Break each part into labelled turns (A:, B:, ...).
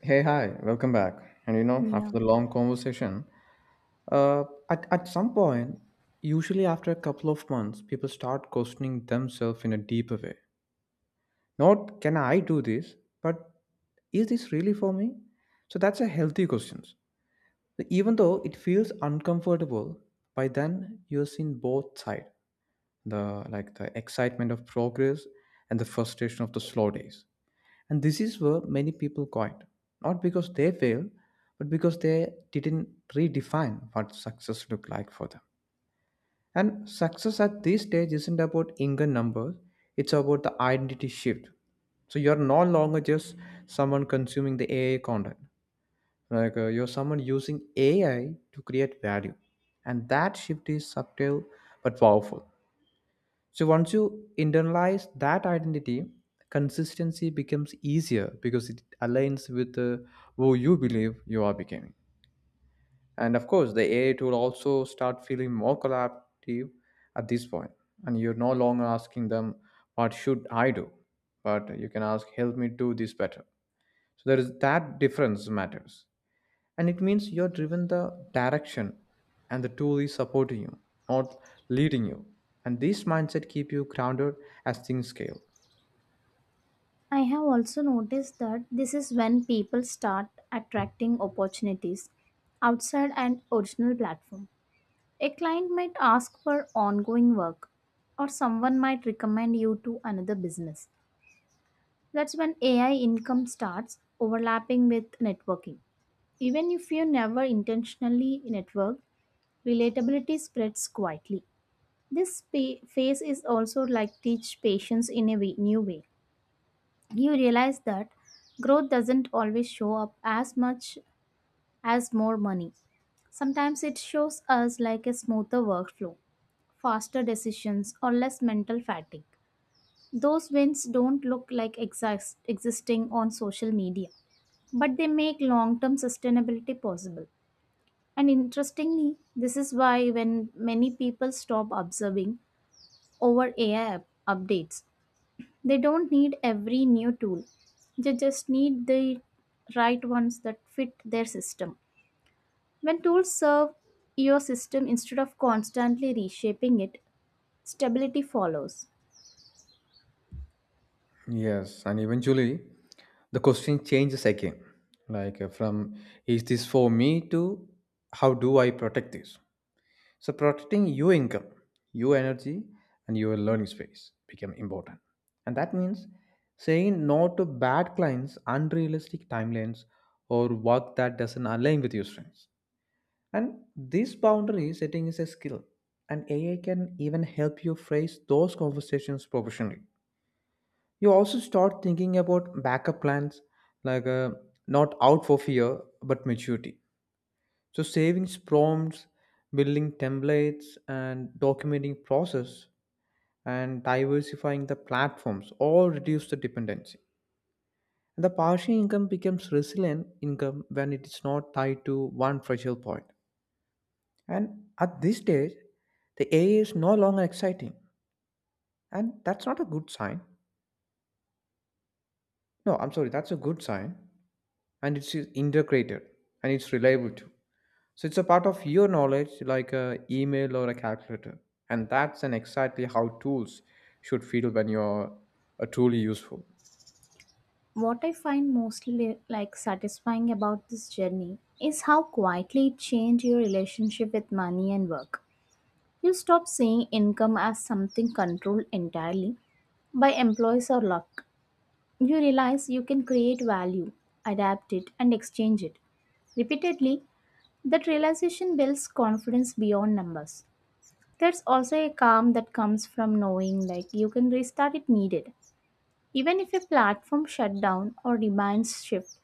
A: Hey, hi, welcome back.
B: Yeah,
A: After the long conversation, at some point, usually after a couple of months, people start questioning themselves in a deeper way. Not can I do this, but is this really for me? So that's a healthy question. Even though it feels uncomfortable, by then you've seen both sides, the like the excitement of progress and the frustration of the slow days. And this is where many people quit, not because they failed, but because they didn't redefine what success looked like for them. And success at this stage isn't about income numbers, it's about the identity shift. So you're no longer just someone consuming the AI content. You're someone using AI to create value. And that shift is subtle but powerful. So once you internalize that identity, consistency becomes easier because it aligns with who you believe you are becoming. And of course, the AI tool also start feeling more collaborative at this point. And you're no longer asking them, "What should I do?" But you can ask, "Help me do this better." So there is that difference matters and it means you're driven the direction and the tool is supporting you, not leading you, and this mindset keep you grounded as things scale.
B: I have also noticed that this is when people start attracting opportunities outside an original platform. A client might ask for ongoing work, or someone might recommend you to another business. That's when AI income starts overlapping with networking. Even if you never intentionally network, relatability spreads quietly. This phase is also like teach patience in a way, new way you realize that growth doesn't always show up as much as more money. Sometimes it shows us like a smoother workflow, faster decisions, or less mental fatigue. Those wins don't look like existing on social media, but they make long term sustainability possible. And interestingly, this is why when many people stop observing over AI updates. They don't need every new tool. They just need the right ones that fit their system. When tools serve your system instead of constantly reshaping it, stability follows.
A: Yes, and eventually the question changes again, from is this for me to how do I protect this. So protecting your income, your energy, and your learning space become important, and that means saying no to bad clients, unrealistic timelines, or work that doesn't align with your strengths. And this boundary setting is a skill, and AI can even help you phrase those conversations professionally. You also start thinking about backup plans, like uh, not out for fear but maturity. So, savings prompts, building templates, and documenting process, and diversifying the platforms all reduce the dependency. And the partial income becomes resilient income when it is not tied to one fragile point. And at this stage, the AI is no longer exciting. And that's not a good sign. No, I'm sorry, that's a good sign. And it's integrated and it's reliable too. So it's a part of your knowledge, like a email or a calculator. And that's an exactly how tools should feel when you're truly useful.
B: What I find mostly like satisfying about this journey is how quietly it changed your relationship with money and work. You stop seeing income as something controlled entirely by employees or luck. You realize you can create value, adapt it, and exchange it. Repeatedly, that realization builds confidence beyond numbers. There's also a calm that comes from knowing like you can restart if needed. Even if a platform shut down or demands shift,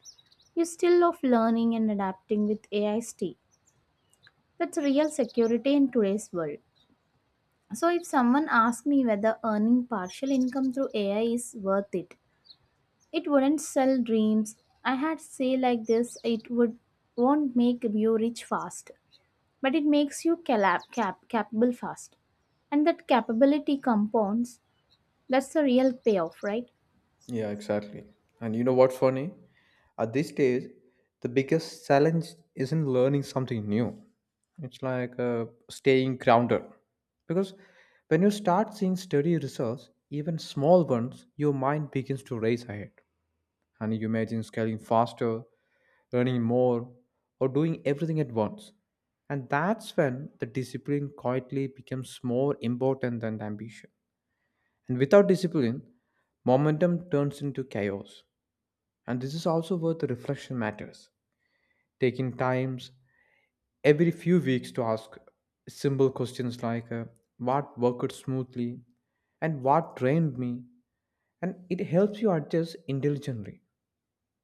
B: you still love learning and adapting with AI stay. That's real security in today's world. So if someone asks me whether earning partial income through AI is worth it, it wouldn't sell dreams. I had say like this, it would won't make you rich fast, but it makes you capable fast. And that capability compounds. That's the real payoff, right?
A: Yeah, exactly. And you know what's funny? At this stage, the biggest challenge isn't learning something new. It's staying grounded. Because when you start seeing steady results, even small ones, your mind begins to race ahead. And you imagine scaling faster, learning more, or doing everything at once. And that's when the discipline quietly becomes more important than the ambition. And without discipline, momentum turns into chaos. And this is also where the reflection matters. Taking times every few weeks to ask simple questions what worked smoothly and what drained me. And it helps you adjust intelligently.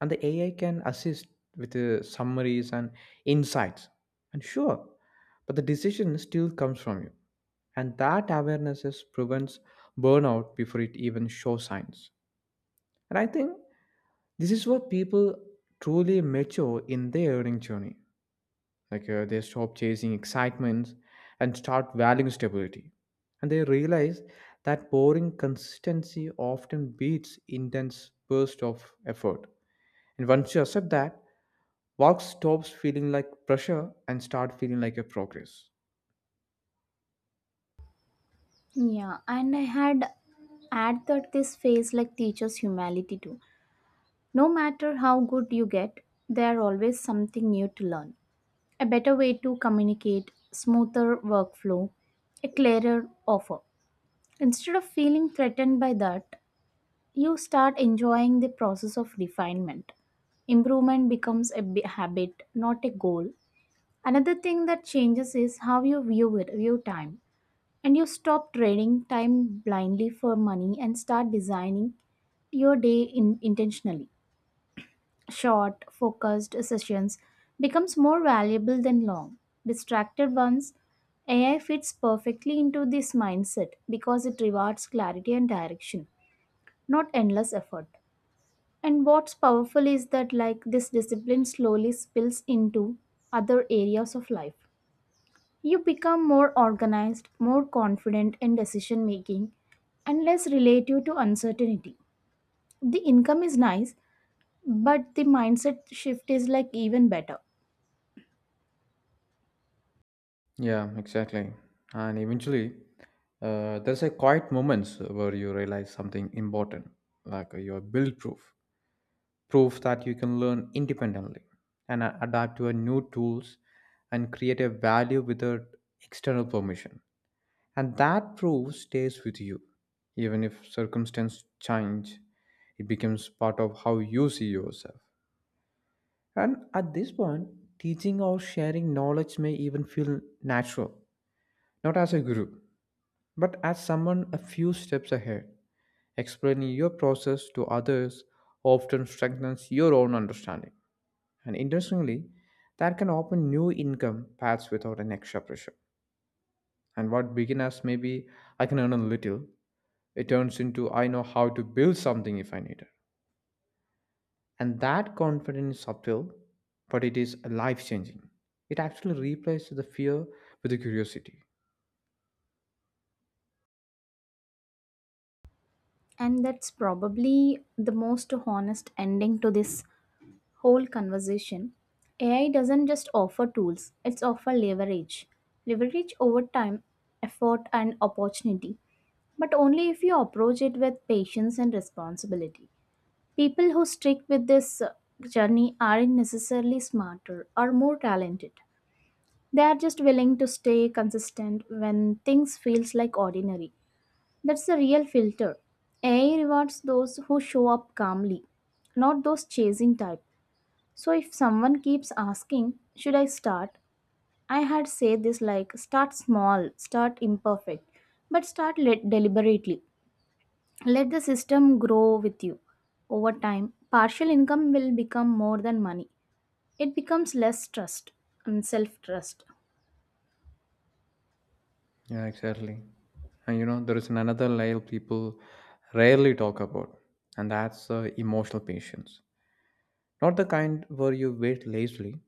A: And the AI can assist with summaries and insights. And sure, but the decision still comes from you. And that awareness is prevents burnout before it even shows signs. And I think this is what people truly mature in their earning journey. They stop chasing excitement and start valuing stability. And they realize that boring consistency often beats intense burst of effort. And once you accept that, work stops feeling like pressure and start feeling like a progress.
B: Yeah, and I had add that this phase like teaches humility too. No matter how good you get, there are always something new to learn. A better way to communicate, smoother workflow, a clearer offer. Instead of feeling threatened by that, you start enjoying the process of refinement. Improvement becomes a habit, not a goal. Another thing that changes is how you view time. And you stop trading time blindly for money and start designing your intentionally. Short, focused sessions becomes more valuable than long, distracted ones. AI fits perfectly into this mindset because it rewards clarity and direction, not endless effort. And what's powerful is that, this discipline slowly spills into other areas of life. You become more organized, more confident in decision making, and less relative to uncertainty. The income is nice, but the mindset shift is like even better.
A: Yeah, exactly. And eventually, there's a quiet moments where you realize something important, you are build proof. Proves that you can learn independently and adapt to a new tools and create a value without external permission, and that proof stays with you even if circumstances change. It becomes part of how you see yourself, and at this point teaching or sharing knowledge may even feel natural, not as a guru but as someone a few steps ahead. Explaining your process to others often strengthens your own understanding. And interestingly, that can open new income paths without an extra pressure. And what began as maybe I can earn a little, it turns into I know how to build something if I need it. And that confidence is subtle, but it is life changing. It actually replaces the fear with the curiosity.
B: And that's probably the most honest ending to this whole conversation. AI doesn't just offer tools, it's offer leverage. Leverage over time, effort, and opportunity, but only if you approach it with patience and responsibility. People who stick with this journey aren't necessarily smarter or more talented. They are just willing to stay consistent when things feels like ordinary. That's the real filter. AI rewards those who show up calmly, not those chasing type. So if someone keeps asking, should I start? I had said this like start small, start imperfect, but start let deliberately. Let the system grow with you. Over time, partial income will become more than money. It becomes less trust and self trust.
A: Yeah, exactly. There is another layer people rarely talk about, and that's emotional patience. Not the kind where you wait lazily,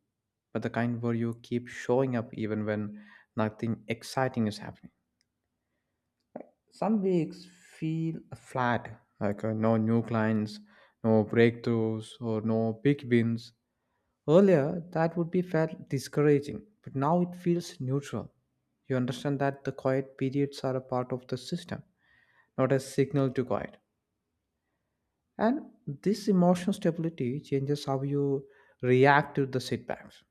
A: but the kind where you keep showing up even when nothing exciting is happening. Some weeks feel flat, no new clients, no breakthroughs, or no big wins. Earlier, that would be felt discouraging, but now it feels neutral. You understand that the quiet periods are a part of the system, not a signal to quiet. And this emotional stability changes how you react to the setbacks.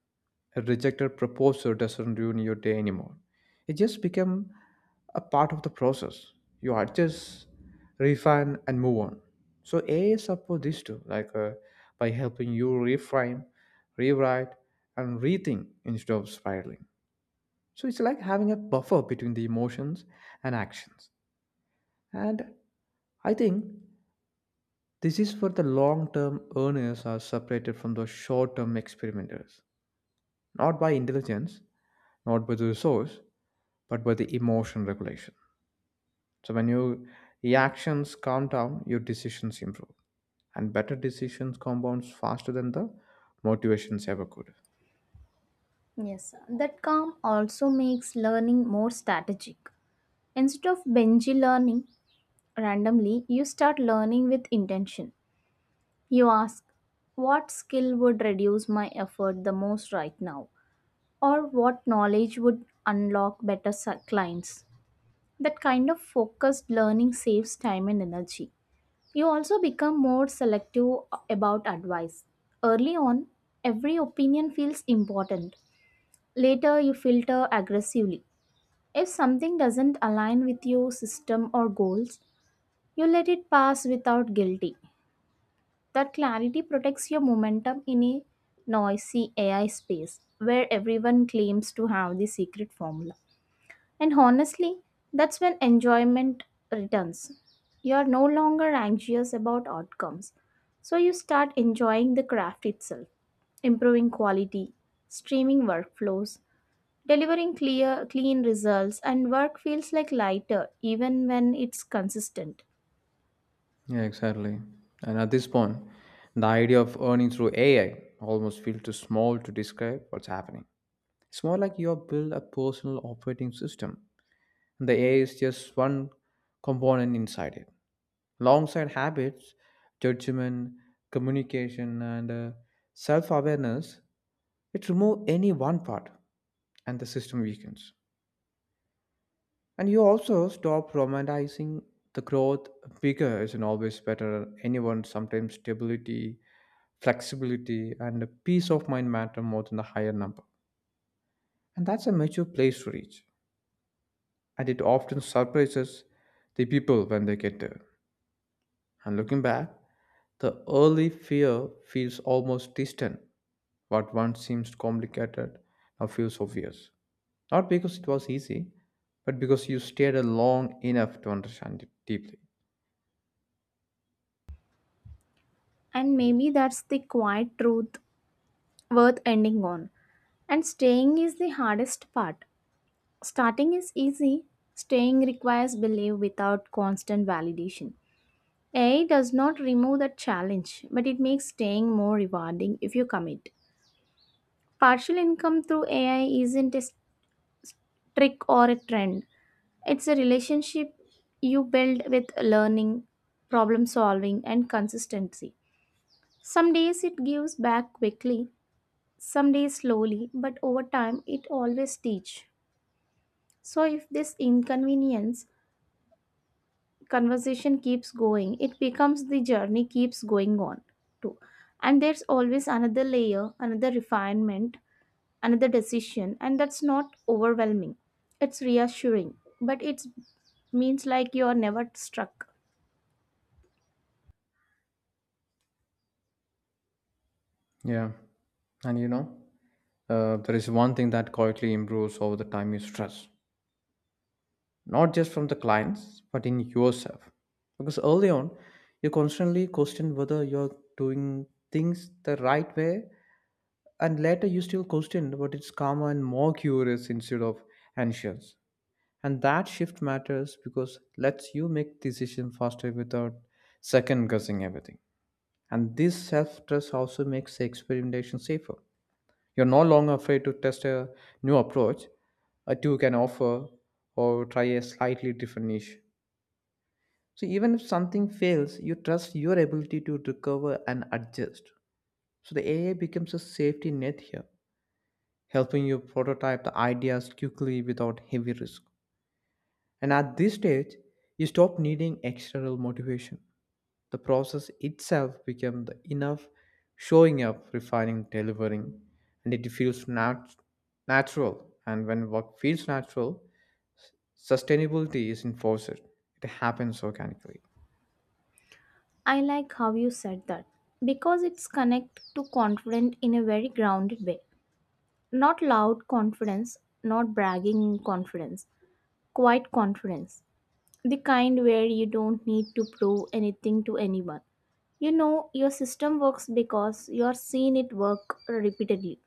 A: A rejected proposal doesn't ruin your day anymore. It just becomes a part of the process. You adjust, refine, and move on. So AI supports this too, by helping you reframe, rewrite, and rethink instead of spiraling. So it's like having a buffer between the emotions and actions. And I think this is for the long term earners are separated from the short term experimenters, not by intelligence, not by the resource, but by the emotion regulation. So when your reactions calm down, your decisions improve. And better decisions compounds faster than the motivations ever could.
B: Yes, that calm also makes learning more strategic. Instead of binge learning randomly, you start learning with intention. You ask, what skill would reduce my effort the most right now? Or what knowledge would unlock better clients? That kind of focused learning saves time and energy. You also become more selective about advice. Early on, every opinion feels important. Later, you filter aggressively. If something doesn't align with your system or goals, you let it pass without guilty. That clarity protects your momentum in a noisy AI space where everyone claims to have the secret formula. And honestly, that's when enjoyment returns. You are no longer anxious about outcomes, so you start enjoying the craft itself, improving quality, streaming workflows, delivering clear clean results and work feels like lighter even when it's consistent.
A: Yeah, exactly. And at this point, the idea of earning through AI almost feels too small to describe what's happening. It's more like you have built a personal operating system. The AI is just one component inside it. Alongside habits, judgment, communication, and self awareness, it removes any one part and the system weakens. And you also stop romanticizing the growth. Bigger isn't always better. Anyone, sometimes stability, flexibility, and peace of mind matter more than the higher number. And that's a mature place to reach. And it often surprises the people when they get there. And looking back, the early fear feels almost distant. What once seemed complicated now feels obvious. Not because it was easy, but because you stayed long enough to understand it deeply.
B: And maybe that's the quiet truth worth ending on. And staying is the hardest part. Starting is easy, staying requires belief without constant validation. AI does not remove that challenge, but it makes staying more rewarding if you commit. Partial income through AI isn't a trick or a trend, it's a relationship you build with learning, problem solving, and consistency. Some days it gives back quickly, some days slowly, but over time it always teaches. So, if this inconvenience conversation keeps going, it becomes the journey keeps going on too. And there's always another layer, another refinement, another decision, and that's not overwhelming. It's reassuring, but it means like you are never struck.
A: Yeah. And you know, there is one thing that quietly improves over the time is trust. Not just from the clients, but in yourself. Because early on, you constantly question whether you're doing things the right way, and later you still question but it's calmer and more curious instead of anxious. And that shift matters because lets you make decision faster without second guessing everything. And this self trust also makes the experimentation safer. You're no longer afraid to test a new approach, a two can offer, or try a slightly different niche. So even if something fails you trust your ability to recover and adjust. So the AI becomes a safety net here, helping you prototype the ideas quickly without heavy risk. And at this stage, you stop needing external motivation. The process itself becomes the enough showing up, refining, delivering, and it feels natural. And when work feels natural, sustainability is enforced. It happens organically.
B: I like how you said that because it's connect to confident in a very grounded way. Not loud confidence, not bragging confidence, quiet confidence. The kind where you don't need to prove anything to anyone. You know your system works because you're seen it work repeatedly.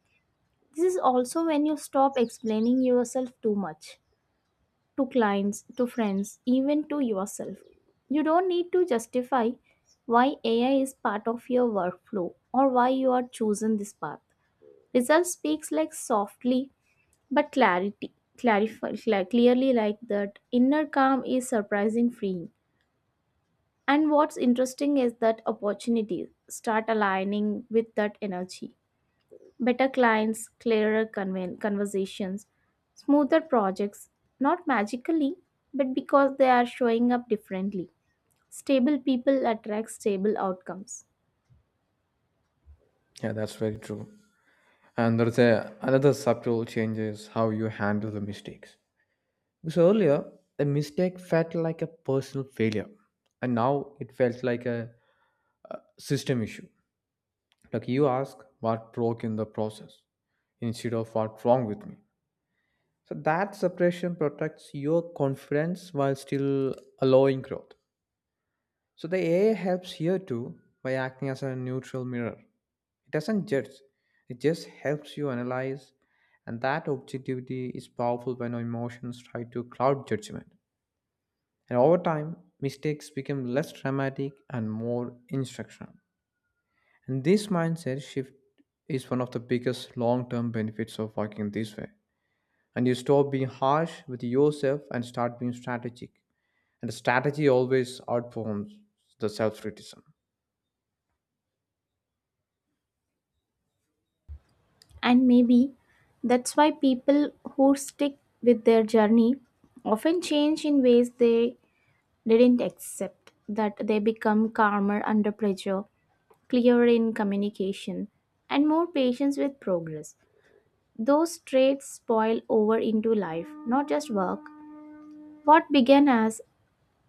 B: This is also when you stop explaining yourself too much to clients, to friends, even to yourself. You don't need to justify why AI is part of your workflow or why you are chosen this path. Result speaks like softly but clearly like that inner calm is surprising free. And what's interesting is that opportunities start aligning with that energy. Better clients, clearer conversations, smoother projects, not magically, but because they are showing up differently. Stable people attract stable outcomes.
A: Yeah, that's very true. And there's another subtle change is how you handle the mistakes. So earlier, the mistake felt like a personal failure, and now it felt like a system issue. Like you ask what broke in the process instead of what's wrong with me. So that separation protects your confidence while still allowing growth. So the AI helps here too by acting as a neutral mirror. It doesn't judge, it just helps you analyze, and that objectivity is powerful when our emotions try to cloud judgment. And over time, mistakes become less dramatic and more instructional. And this mindset shift is one of the biggest long term benefits of working this way. And you stop being harsh with yourself and start being strategic. And the strategy always outperforms the self criticism.
B: And maybe that's why people who stick with their journey often change in ways they didn't accept, that they become calmer under pressure, clearer in communication, and more patience with progress. Those traits spoil over into life, not just work. What began as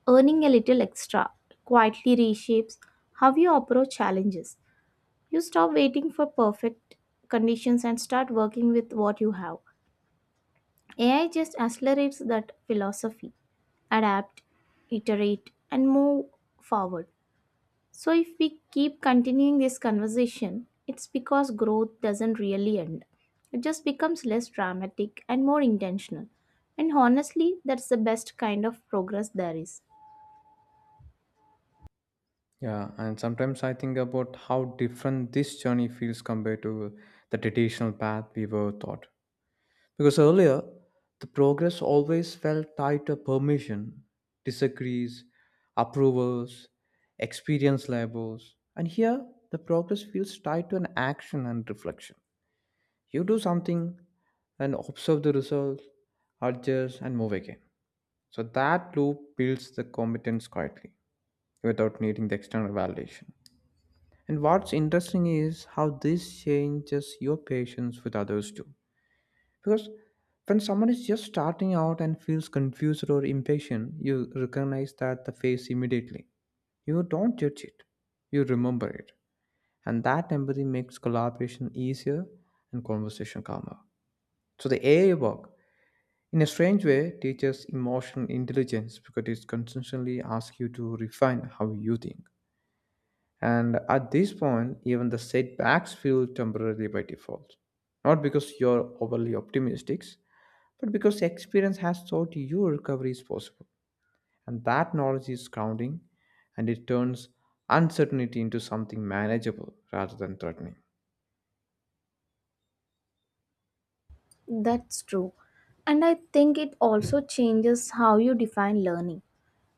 B: earning a little extra quietly reshapes how you approach challenges. You stop waiting for perfect conditions and start working with what you have. AI just accelerates that philosophy. Adapt, iterate, and move forward. So, if we keep continuing this conversation, it's because growth doesn't really end. It just becomes less dramatic and more intentional. And honestly, that's the best kind of progress there is.
A: Yeah, and sometimes I think about how different this journey feels compared to the traditional path we were taught. Because earlier, the progress always felt tied to permission, disagrees, approvals, experience labels. And here, the progress feels tied to an action and reflection. You do something and observe the results, adjust, and move again. So that loop builds the competence quietly without needing the external validation. And what's interesting is how this changes your patience with others too. Because when someone is just starting out and feels confused or impatient, you recognize that the face immediately. You don't judge it, you remember it. And that empathy makes collaboration easier and conversation calmer. So the AI work, in a strange way, teaches emotional intelligence because it constantly asks you to refine how you think. And at this point, even the setbacks feel temporary by default. Not because you're overly optimistic, but because experience has taught you recovery is possible. And that knowledge is grounding and it turns uncertainty into something manageable rather than threatening.
B: That's true. And I think it also changes how you define learning.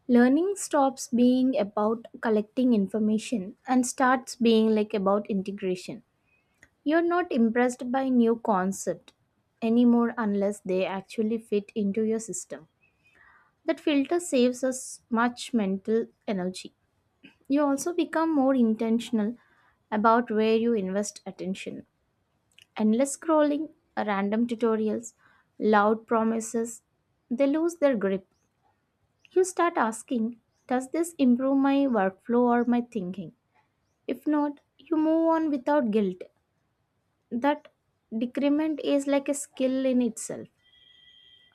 B: Learning stops being about collecting information and starts being like about integration. You're not impressed by new concept anymore unless they actually fit into your system. That filter saves us much mental energy. You also become more intentional about where you invest attention. Endless scrolling, random tutorials, loud promises, they lose their grip. You start asking, does this improve my workflow or my thinking? If not, you move on without guilt. That decrement is like a skill in itself.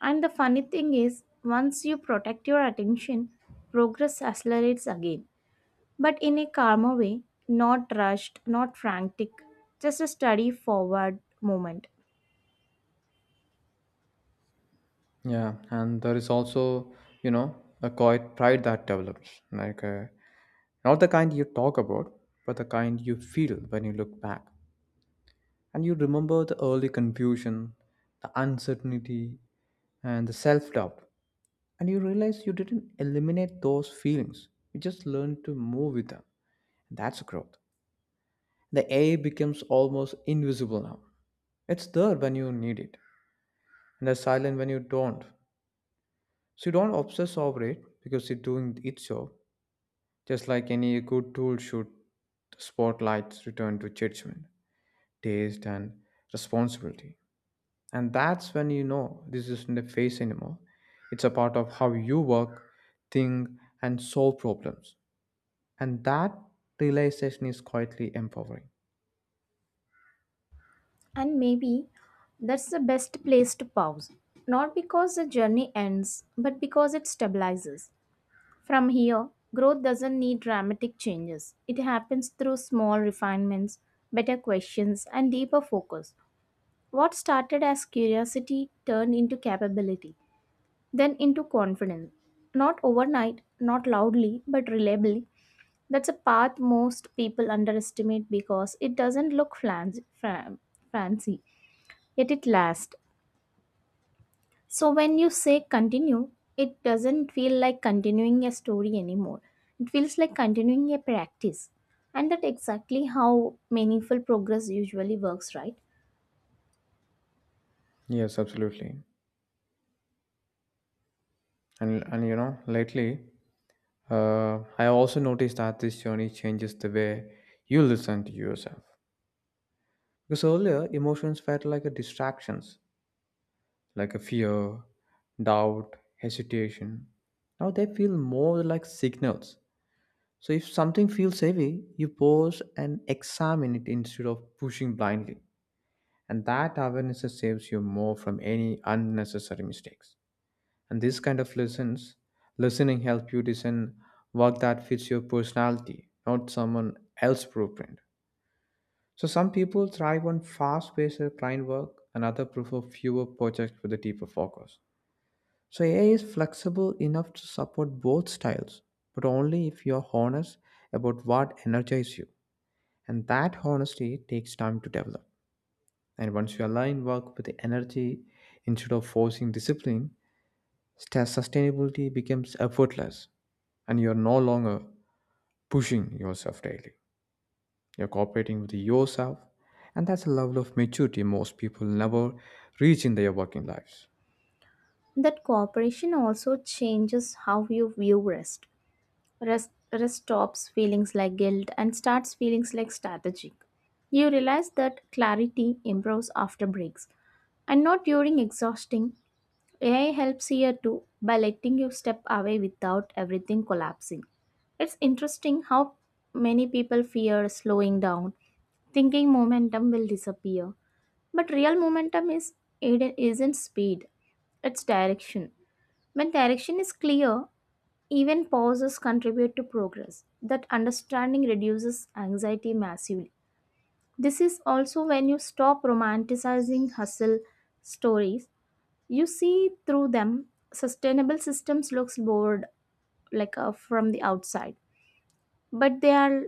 B: And the funny thing is, once you protect your attention, progress accelerates again. But in a calmer way, not rushed, not frantic, just a steady forward moment.
A: Yeah, and there is also, you know, a quiet pride that develops. Like, not the kind you talk about, but the kind you feel when you look back. And you remember the early confusion, the uncertainty, and the self doubt. And you realize you didn't eliminate those feelings, you just learned to move with them. That's growth. The AI becomes almost invisible now. It's there when you need it, and it's silent when you don't. So you don't obsess over it because it's doing its job, just like any good tool should. Spotlights return to judgment, taste, and responsibility. And that's when you know this isn't a phase anymore. It's a part of how you work, think, and solve problems. And that realization is quietly empowering.
B: And maybe that's the best place to pause, not because the journey ends, but because it stabilizes. From here, growth doesn't need dramatic changes, it happens through small refinements, better questions, and deeper focus. What started as curiosity turned into capability, then into confidence. Not overnight, not loudly, but reliably. That's a path most people underestimate because it doesn't look fancy, yet it lasts. So when you say continue, it doesn't feel like continuing a story anymore. It feels like continuing a practice. And that exactly how meaningful progress usually works, right?
A: Yes, absolutely. And you know, lately, I also noticed that this journey changes the way you listen to yourself. Because earlier, emotions felt like a distractions, like a fear, doubt, hesitation. Now they feel more like signals. So if something feels heavy, you pause and examine it instead of pushing blindly. And that awareness saves you more from any unnecessary mistakes. And this kind of lessons, listening help you design work that fits your personality, not someone else's blueprint. So some people thrive on fast-paced client work, and others prefer fewer projects with a deeper focus. So AI is flexible enough to support both styles, but only if you're honest about what energizes you. And that honesty takes time to develop. And once you align work with the energy instead of forcing discipline, sustainability becomes effortless. And you're no longer pushing yourself daily. You're cooperating with yourself, and that's a level of maturity most people never reach in their working lives.
B: That cooperation also changes how you view rest. Rest stops feelings like guilt and starts feelings like strategic. You realize that clarity improves after breaks and not during exhausting. AI helps here too by letting you step away without everything collapsing. It's interesting how many people fear slowing down, thinking momentum will disappear. But real momentum is it isn't speed, it's direction. When direction is clear, even pauses contribute to progress. That understanding reduces anxiety massively. This is also when you stop romanticizing hustle stories. You see through them. Sustainable systems looks bored from the outside, but they are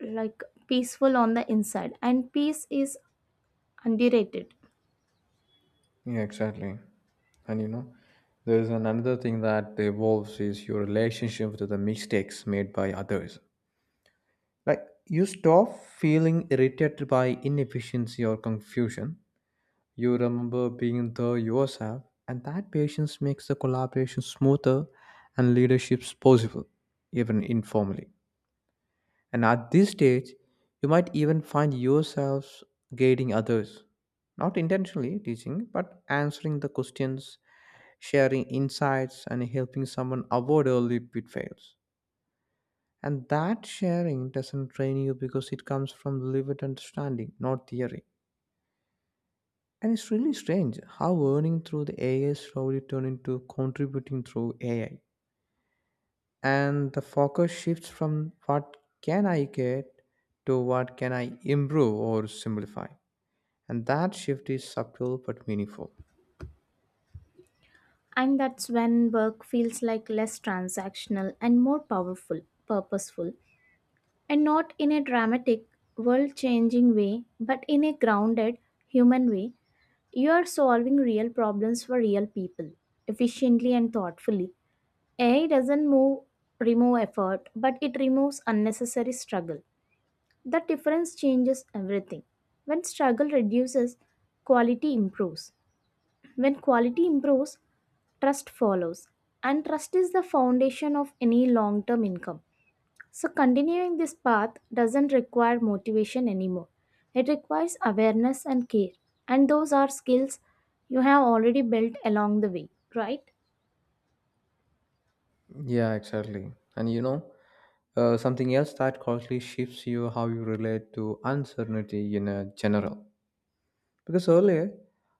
B: like peaceful on the inside and peace is underrated.
A: Yeah, exactly. And you know, there is another thing that evolves is your relationship with the mistakes made by others. Like you stop feeling irritated by inefficiency or confusion. You remember being there yourself, and that patience makes the collaboration smoother and leaderships possible, even informally. And at this stage, you might even find yourselves guiding others, not intentionally teaching, but answering the questions, sharing insights, and helping someone avoid early pitfalls. And that sharing doesn't train you because it comes from lived understanding, not theory. And it's really strange how earning through the AI slowly turned into contributing through AI. And the focus shifts from what can I get to what can I improve or simplify. And that shift is subtle but meaningful.
B: And that's when work feels like less transactional and more powerful, purposeful. And not in a dramatic, world changing way, but in a grounded, human way, you are solving real problems for real people efficiently and thoughtfully. AI doesn't move, remove effort, but it removes unnecessary struggle. The difference changes everything. When struggle reduces, quality improves. When quality improves, trust follows. And trust is the foundation of any long term income. So, continuing this path doesn't require motivation anymore. It requires awareness and care. And those are skills you have already built along the way, right?
A: Yeah, exactly. And you know, something else that quietly shifts you how you relate to uncertainty in a general. Because earlier,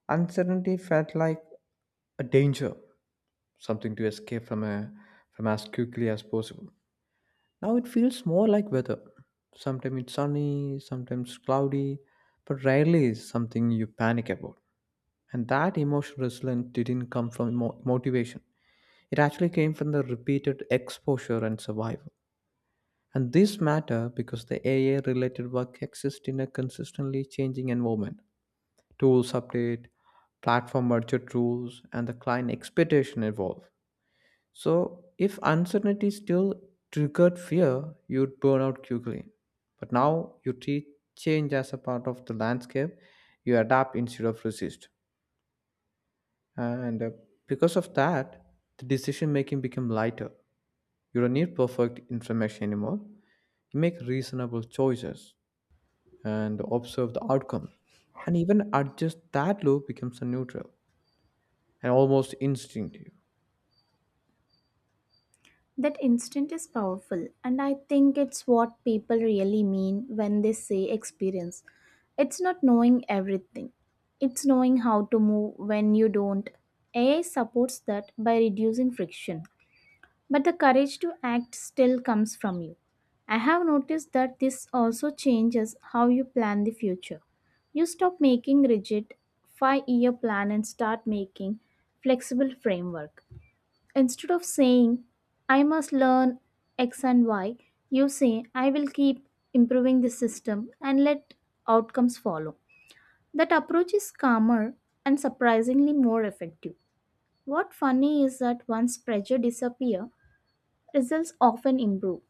A: uncertainty felt like a danger, something to escape from as quickly as possible. Now it feels more like weather. Sometimes it's sunny, sometimes cloudy, but rarely is something you panic about. And that emotional resilience didn't come from motivation. It actually came from the repeated exposure and survival. And this matter because the AI related work exists in a consistently changing environment. Tools update, platform merger rules, and the client expectation evolve. So if uncertainty still triggered fear, you'd burn out quickly. But now you treat change as a part of the landscape, you adapt instead of resist. And because of that, the decision making become lighter. You don't need perfect information anymore. You make reasonable choices and observe the outcomes. And even adjust that loop becomes a neutral and almost instinctive.
B: That instinct is powerful, and I think it's what people really mean when they say experience. It's not knowing everything, it's knowing how to move when you don't. AI supports that by reducing friction. But the courage to act still comes from you. I have noticed that this also changes how you plan the future. You stop making rigid 5-year plan and start making flexible framework. Instead of saying I must learn x and y, you say I will keep improving the system and let outcomes follow. That approach is calmer and surprisingly more effective. What funny is that once pressure disappears, results often improve.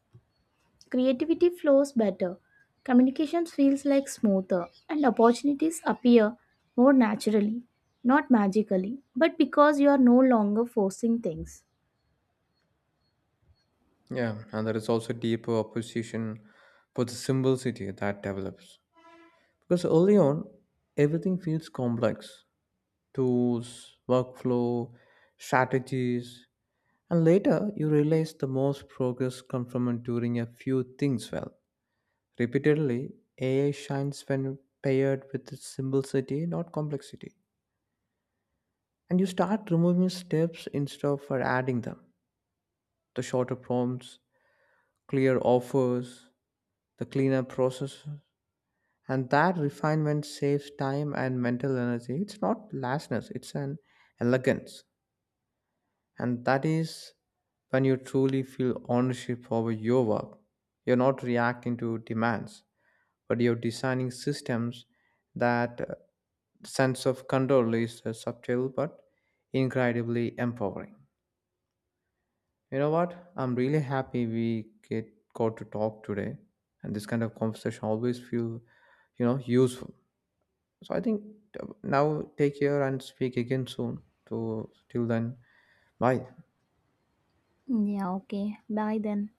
B: Creativity flows better. Communication feels like smoother and opportunities appear more naturally, not magically, but because you are no longer forcing things.
A: Yeah, and there is also deeper opposition for the simplicity that develops. Because early on, everything feels complex tools, workflow, strategies. And later, you realize the most progress comes from doing a few things well. Repeatedly, AI shines when paired with its simplicity, not complexity. And you start removing steps instead of adding them. The shorter prompts, clear offers, the cleaner process. And that refinement saves time and mental energy. It's not laziness; it's an elegance. And that is when you truly feel ownership over your work. You're not reacting to demands, but you're designing systems that sense of control is subtle but incredibly empowering. You know what? I'm really happy we get got to talk today, and this kind of conversation always feel, you know, useful. So I think now take care and speak again soon. So till then, bye.
B: Yeah, okay. Bye then.